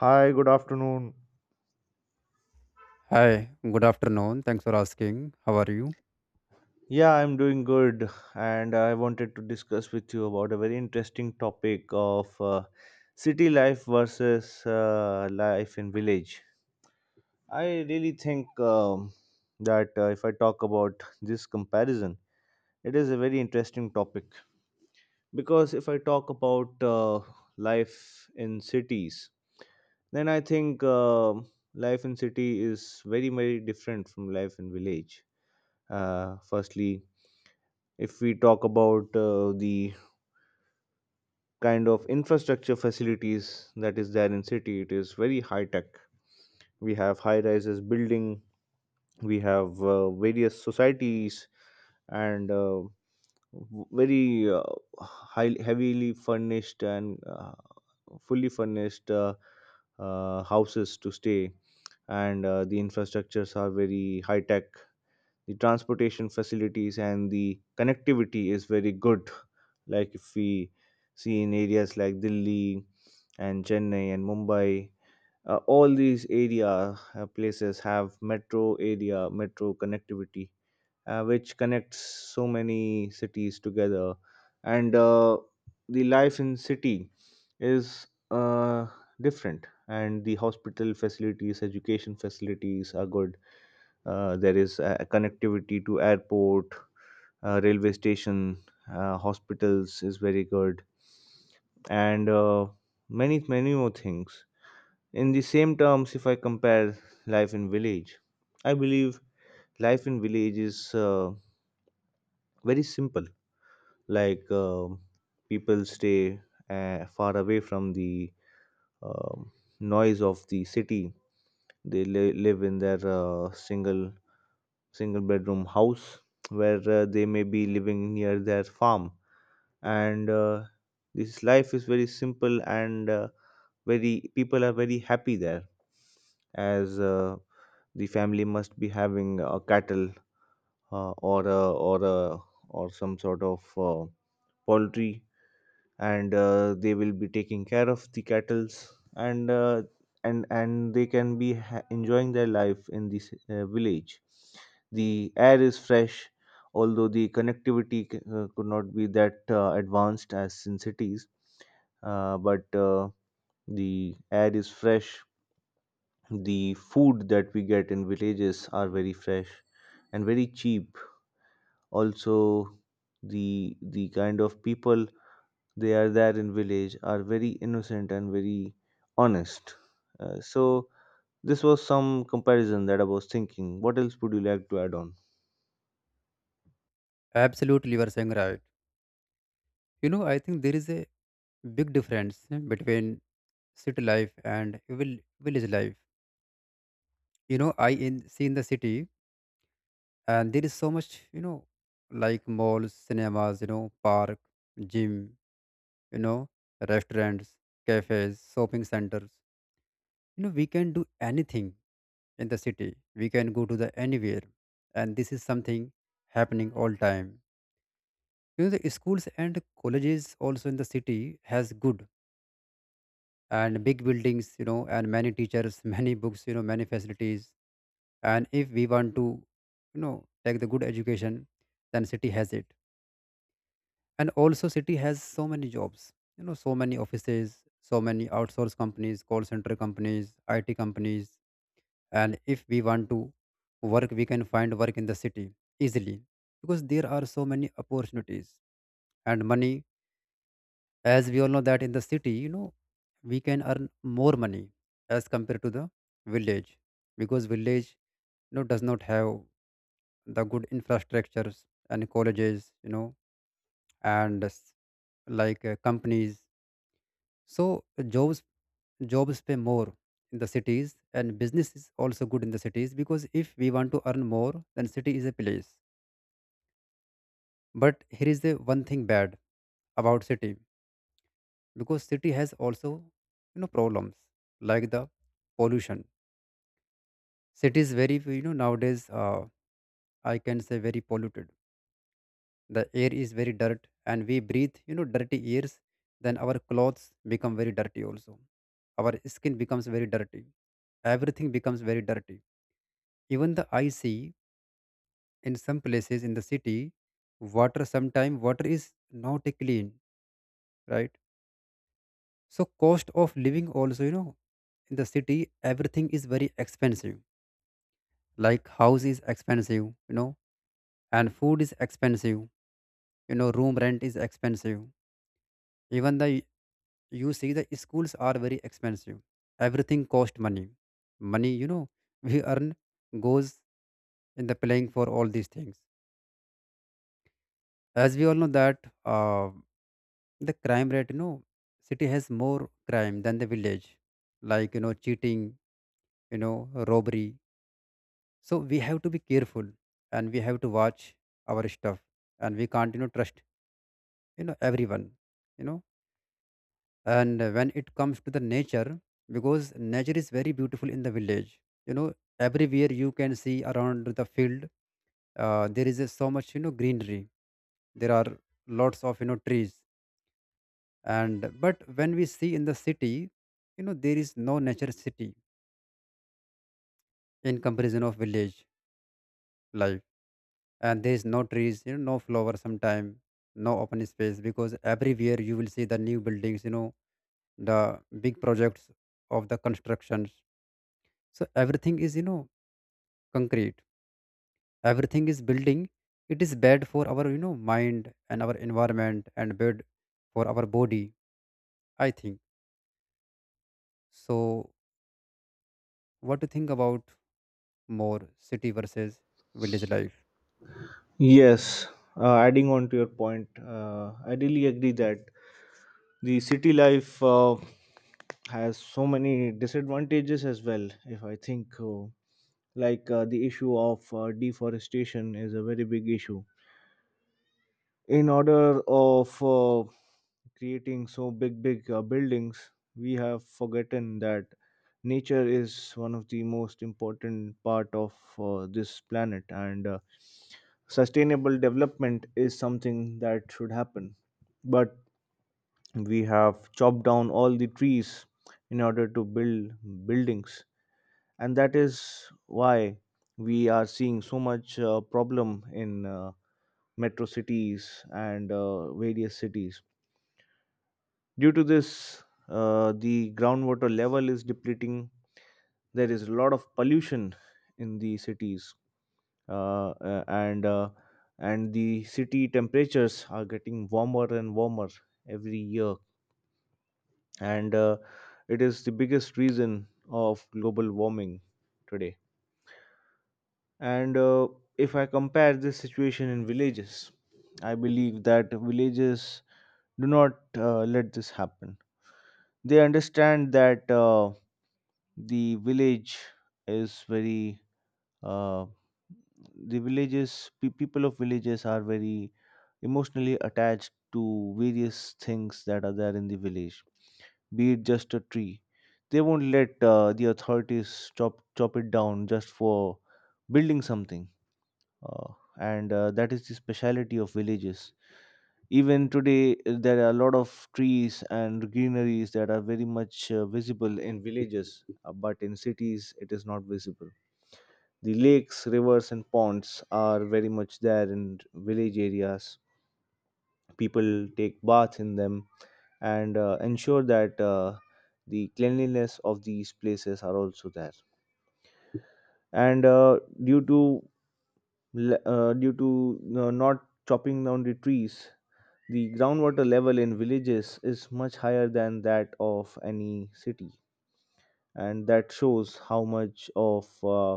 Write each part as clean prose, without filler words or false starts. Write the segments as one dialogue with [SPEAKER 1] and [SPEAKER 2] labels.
[SPEAKER 1] Hi, good afternoon.
[SPEAKER 2] Hi, good afternoon. Thanks for asking. How are you?
[SPEAKER 1] Yeah, I'm doing good, and I wanted to discuss with you about a very interesting topic of city life versus life in village. I really think that if I talk about this comparison, it is a very interesting topic because if I talk about life in cities, then I think life in city is very very different from life in village. Firstly, if we talk about the kind of infrastructure facilities that is there in city, it is very high tech. We have high rises building. We have various societies, and very high, heavily furnished and fully furnished houses to stay, and the infrastructures are very high tech. The transportation facilities and the connectivity is very good. Like, if we see in areas like Delhi and Chennai and Mumbai, all these area places have metro connectivity, which connects so many cities together, and the life in city is different, and the hospital facilities, education facilities are good. There is connectivity to airport, railway station, hospitals is very good, and many many more things. In the same terms, if I compare life in village, I believe life in village is very simple. Like, people stay far away from the um noise of the city. They live in their single bedroom house where they may be living near their farm, and this life is very simple, and very people are very happy there as the family must be having a cattle, uh, or a, or a, or some sort of uh, poultry, and they will be taking care of the cattles and they can be enjoying their life in this village. The air is fresh, although the connectivity could not be that advanced as in cities, but the air is fresh. The food that we get in villages are very fresh and very cheap. Also, the kind of people they are there in village are very innocent and very honest. So, this was some comparison that I was thinking. What else would you like to add on?
[SPEAKER 2] Absolutely, you are saying right. I think there is a big difference between city life and village life. I in see in the city, and there is so much, like malls, cinemas, park, gym, you know, restaurants, cafes, shopping centers. We can do anything in the city. We can go to the anywhere, and this is something happening all time. The schools and colleges also in the city has good and big buildings, and many teachers, many books, many facilities. And if we want to, you know take the good education, then city has it. And also city has so many jobs, so many offices, so many outsource companies, call center companies, it companies. And if we want to work, we can find work in the city easily, because there are so many opportunities. And money, as we all know that in the city, we can earn more money as compared to the village, because village, does not have the good infrastructures and colleges, and like companies. So uh, jobs jobs pay more in the cities, and business is also good in the cities, because if we want to earn more, then city is a place. But here is the one thing bad about city, because city has also, problems like the pollution. Cities very few, nowadays, I can say, very polluted. The air is very dirt, and we breathe, dirty airs. Then our clothes become very dirty also. Our skin becomes very dirty. Everything becomes very dirty. Even the I see in some places in the city, water sometime water is not clean, right? So cost of living also, in the city everything is very expensive. Like house is expensive, and food is expensive, room rent is expensive. Even the, you see, the schools are very expensive. Everything cost money. We earn goes in the playing for all these things. As we all know that, uh, the crime rate, city has more crime than the village. Like, cheating, you know robbery. So we have to be careful, and we have to watch our stuff, and we can't, trust, everyone you know and when it comes to the nature, because nature is very beautiful in the village, everywhere you can see around the field. There is so much, greenery. There are lots of, trees. And but when we see in the city, there is no nature city in comparison of village life. And there is no trees, no flower sometime, no open space, because everywhere you will see the new buildings, the big projects of the constructions. So everything is, concrete. Everything is building. It is bad for our, mind and our environment, and bad for our body, I think. So what do you think about more city versus village life?
[SPEAKER 1] Yes, adding on to your point, I really agree that the city life has so many disadvantages as well. If I think, like, the issue of deforestation is a very big issue. In order of creating so big, big buildings, we have forgotten that nature is one of the most important part of this planet, and sustainable development is something that should happen. But we have chopped down all the trees in order to build buildings, and that is why we are seeing so much problem in metro cities and various cities. Due to this, the groundwater level is depleting. There is a lot of pollution in the cities, uh, uh, and uh, and the city temperatures are getting warmer and warmer every year, and it is the biggest reason of global warming today. And if I compare this situation in villages, I believe that villages do not let this happen. They understand that. The village is very, uh, the villages people of villages are very emotionally attached to various things that are there in the village, be it just a tree. They won't let the authorities chop it down just for building something. Uh, and uh, that is the speciality of villages. Even today, there are a lot of trees and greeneries that are very much visible in villages, but in cities, it is not visible. The lakes, rivers, and ponds are very much there in village areas. People take baths in them and ensure that the cleanliness of these places are also there. And due to not chopping down the trees, the groundwater level in villages is much higher than that of any city, and that shows how much of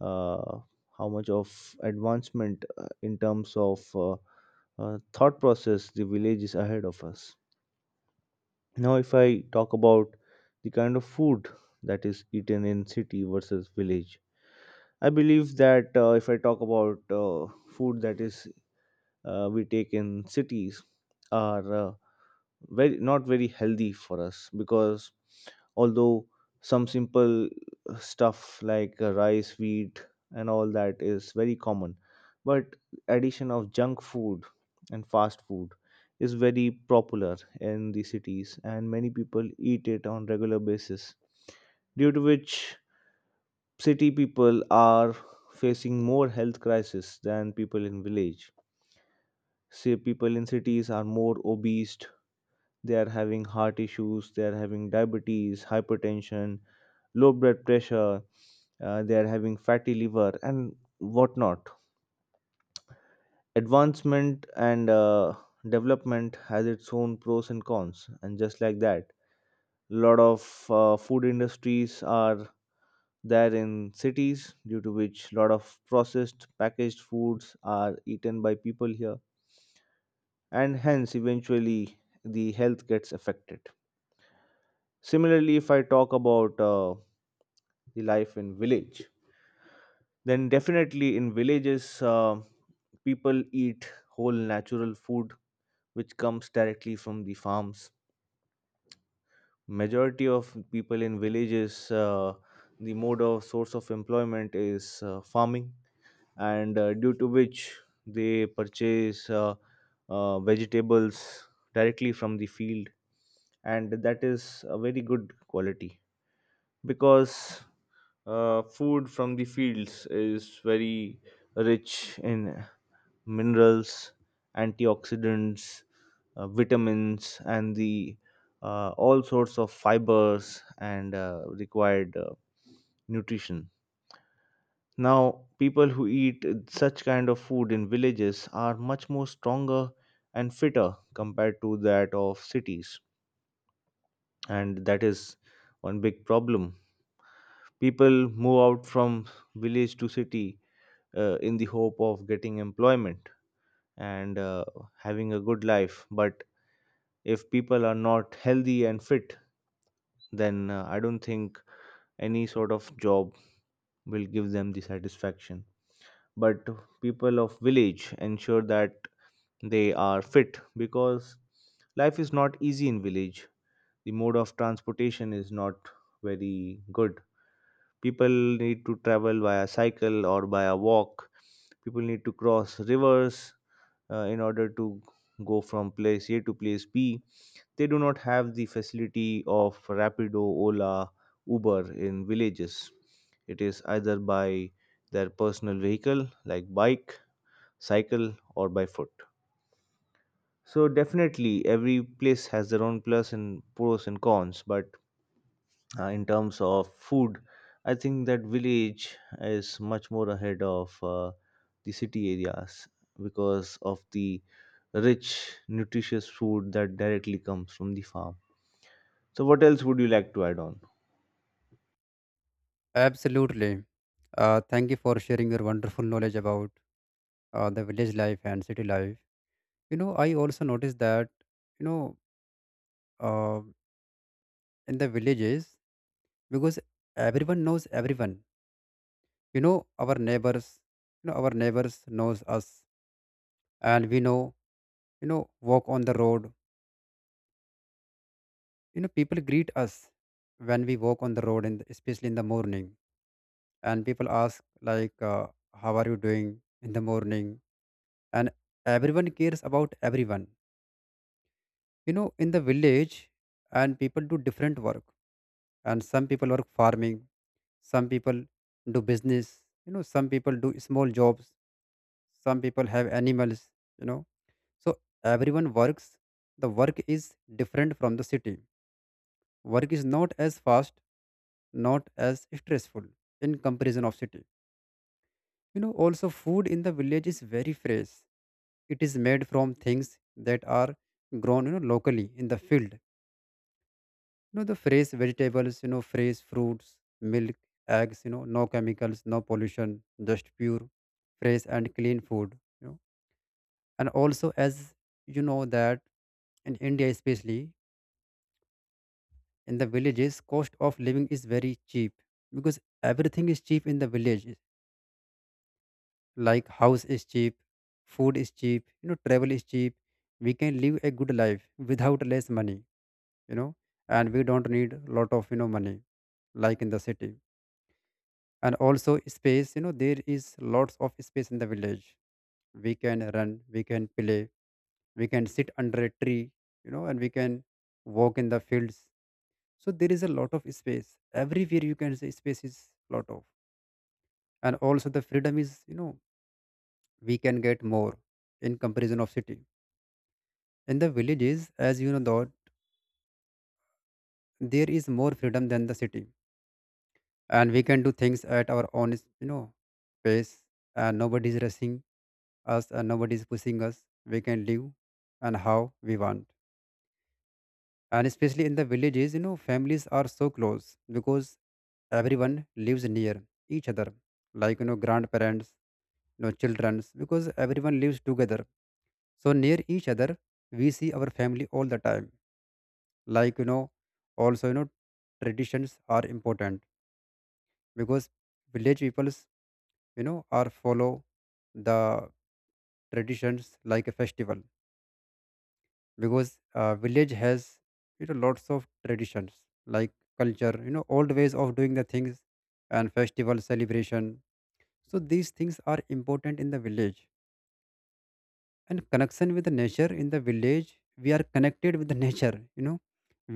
[SPEAKER 1] uh, advancement in terms of thought process the village is ahead of us. Now, if I talk about the kind of food that is eaten in city versus village, I believe that if I talk about food that is we take in cities are very not very healthy for us because although some simple stuff like rice wheat and all that is very common, but addition of junk food and fast food is very popular in the cities, and many people eat it on regular basis, due to which city people are facing more health crisis than people in village. Say, people in cities are more obese. They are having heart issues. They are having diabetes, hypertension, low blood pressure. They are having fatty liver and whatnot. Advancement and development has its own pros and cons, and just like that, a lot of food industries are there in cities, due to which a lot of processed packaged foods are eaten by people here, and hence eventually the health gets affected. Similarly, if I talk about the life in village, then definitely in villages, people eat whole natural food which comes directly from the farms. Majority of people in villages, the mode of source of employment is farming, and due to which they purchase vegetables directly from the field, and that is a very good quality because food from the fields is very rich in minerals, antioxidants, vitamins, and the all sorts of fibers and required nutrition. Now, people who eat such kind of food in villages are much more stronger and fitter compared to that of cities, and that is one big problem. People move out from village to city in the hope of getting employment and having a good life. But if people are not healthy and fit, then I don't think any sort of job will give them the satisfaction. But people of village ensure that they are fit because life is not easy in village. The mode of transportation is not very good. People need to travel by a cycle or by a walk. People need to cross rivers in order to go from place A to place B. They do not have the facility of Rapido, Ola, Uber in villages. It is either by their personal vehicle like bike, cycle, or by foot. So definitely every place has their own plus and pros and cons, but in terms of food, I think that village is much more ahead of the city areas because of the rich nutritious food that directly comes from the farm. So what else would you like to add on?
[SPEAKER 2] Absolutely, thank you for sharing your wonderful knowledge about the village life and city life. I also noticed that, you know uh, in the villages, because everyone knows everyone, our neighbors, our neighbors knows us, and we know. you know Walk on the road, people greet us when we walk on the road, and especially in the morning. And people ask, like, how are you doing in the morning? And everyone cares about everyone, in the village. And people do different work. And some people work farming, some people do business, some people do small jobs, some people have animals you know so everyone works. The work is different from the city. Work is not as fast, not as stressful, in comparison of city. Also, food in the village is very fresh. It is made from things that are grown, locally in the field. The fresh vegetables, fresh fruits, milk, eggs, no chemicals, no pollution, just pure fresh and clean food. And also, as you know that, in India especially, in the villages cost of living is very cheap. Because everything is cheap in the village. Like house is cheap, food is cheap, travel is cheap. We can live a good life without less money you know and we don't need a lot of, money, like in the city. And also space, there is lots of space in the village. We can run, we can play, we can sit under a tree, and we can walk in the fields. So there is a lot of space everywhere, you can say space is lot of. And also the freedom is, we can get more in comparison of city, in the villages, as you know though. There is more freedom than the city, and we can do things at our own, you know pace. And nobody is rushing us, and nobody is pushing us. We can live and how we want. And especially in the villages, families are so close, because everyone lives near each other. Like, grandparents, childrens, because everyone lives together so near each other. We see our family all the time, like, also, traditions are important. Because village peoples, are follow the traditions, like a festival. Because village has, lots of traditions, like culture, old ways of doing the things, and festival celebration. So these things are important in the village. And connection with the nature, in the village we are connected with the nature,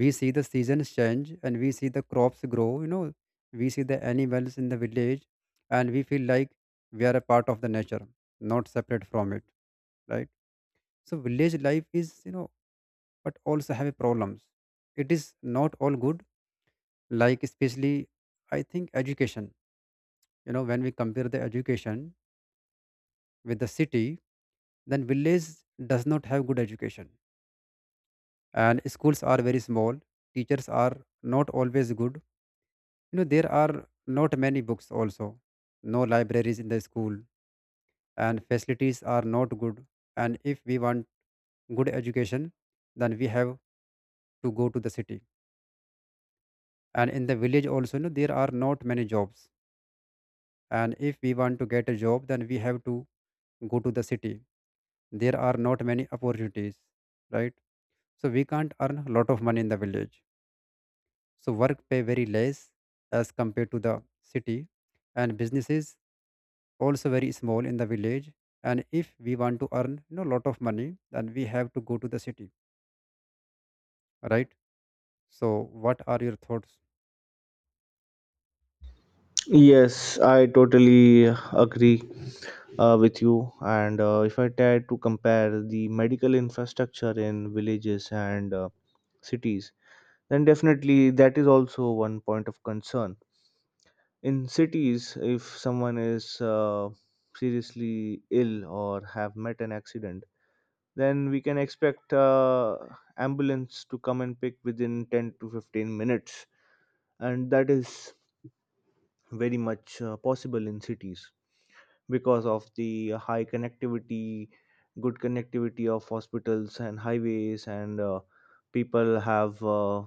[SPEAKER 2] we see the seasons change, and we see the crops grow. We see the animals in the village, and we feel like we are a part of the nature, not separate from it, right? So village life is, but also have problems. It is not all good, like especially I think education. When we compare the education with the city, then village does not have good education, and schools are very small. Teachers are not always good, there are not many books also, no libraries in the school, and facilities are not good. And if we want good education, then we have to go to the city. And in the village also, there are not many jobs. And if we want to get a job, then we have to go to the city. There are not many opportunities, right? So we can't earn a lot of money in the village. So work pay very less as compared to the city. And businesses also very small in the village. And if we want to earn, lot of money, then we have to go to the city, right? So what are your thoughts?
[SPEAKER 1] Yes, I totally agree with you. And if I try to compare the medical infrastructure in villages and cities, then definitely that is also one point of concern. In cities, if someone is seriously ill or have met an accident, then we can expect ambulance to come and pick within 10 to 15 minutes, and that is very much possible in cities because of the high connectivity good connectivity of hospitals and highways, and people have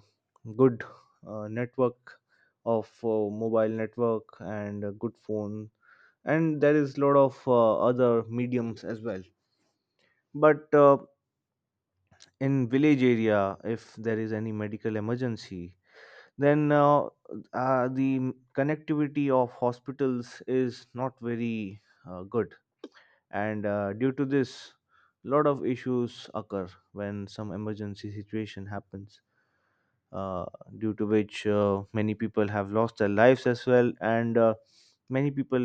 [SPEAKER 1] good network of mobile network and a good phone, and there is lot of other mediums as well. But in village area, if there is any medical emergency, then the connectivity of hospitals is not very good, and due to this lot of issues occur when some emergency situation happens, uh, due to which many people have lost their lives as well, and many people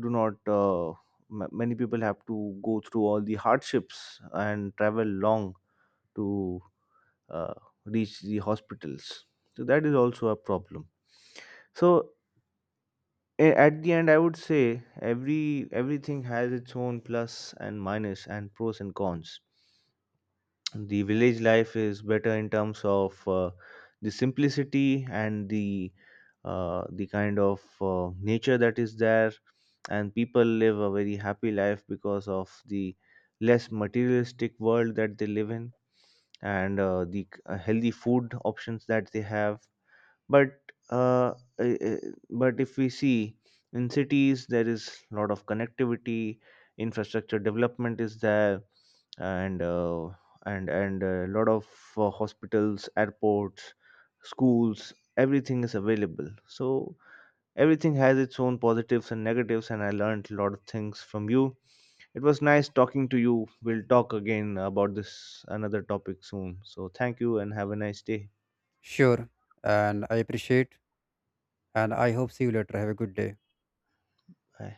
[SPEAKER 1] do not. Many people have to go through all the hardships and travel long to uh, reach the hospitals. So that is also a problem. So, at the end, I would say everything has its own plus and minus and pros and cons. The village life is better in terms of the simplicity and the kind of nature that is there, and people live a very happy life because of the less materialistic world that they live in, and the healthy food options that they have, but uh, eh, eh, if we see in cities there is a lot of connectivity. Infrastructure development is there, and a lot of hospitals, airports, schools, everything is available. So everything has its own positives and negatives, and I learned a lot of things from you. It was nice talking to you. We'll talk again about this another topic soon. So thank you and have a nice day.
[SPEAKER 2] Sure, and I appreciate, and I hope see you later, have a good day.
[SPEAKER 1] Bye.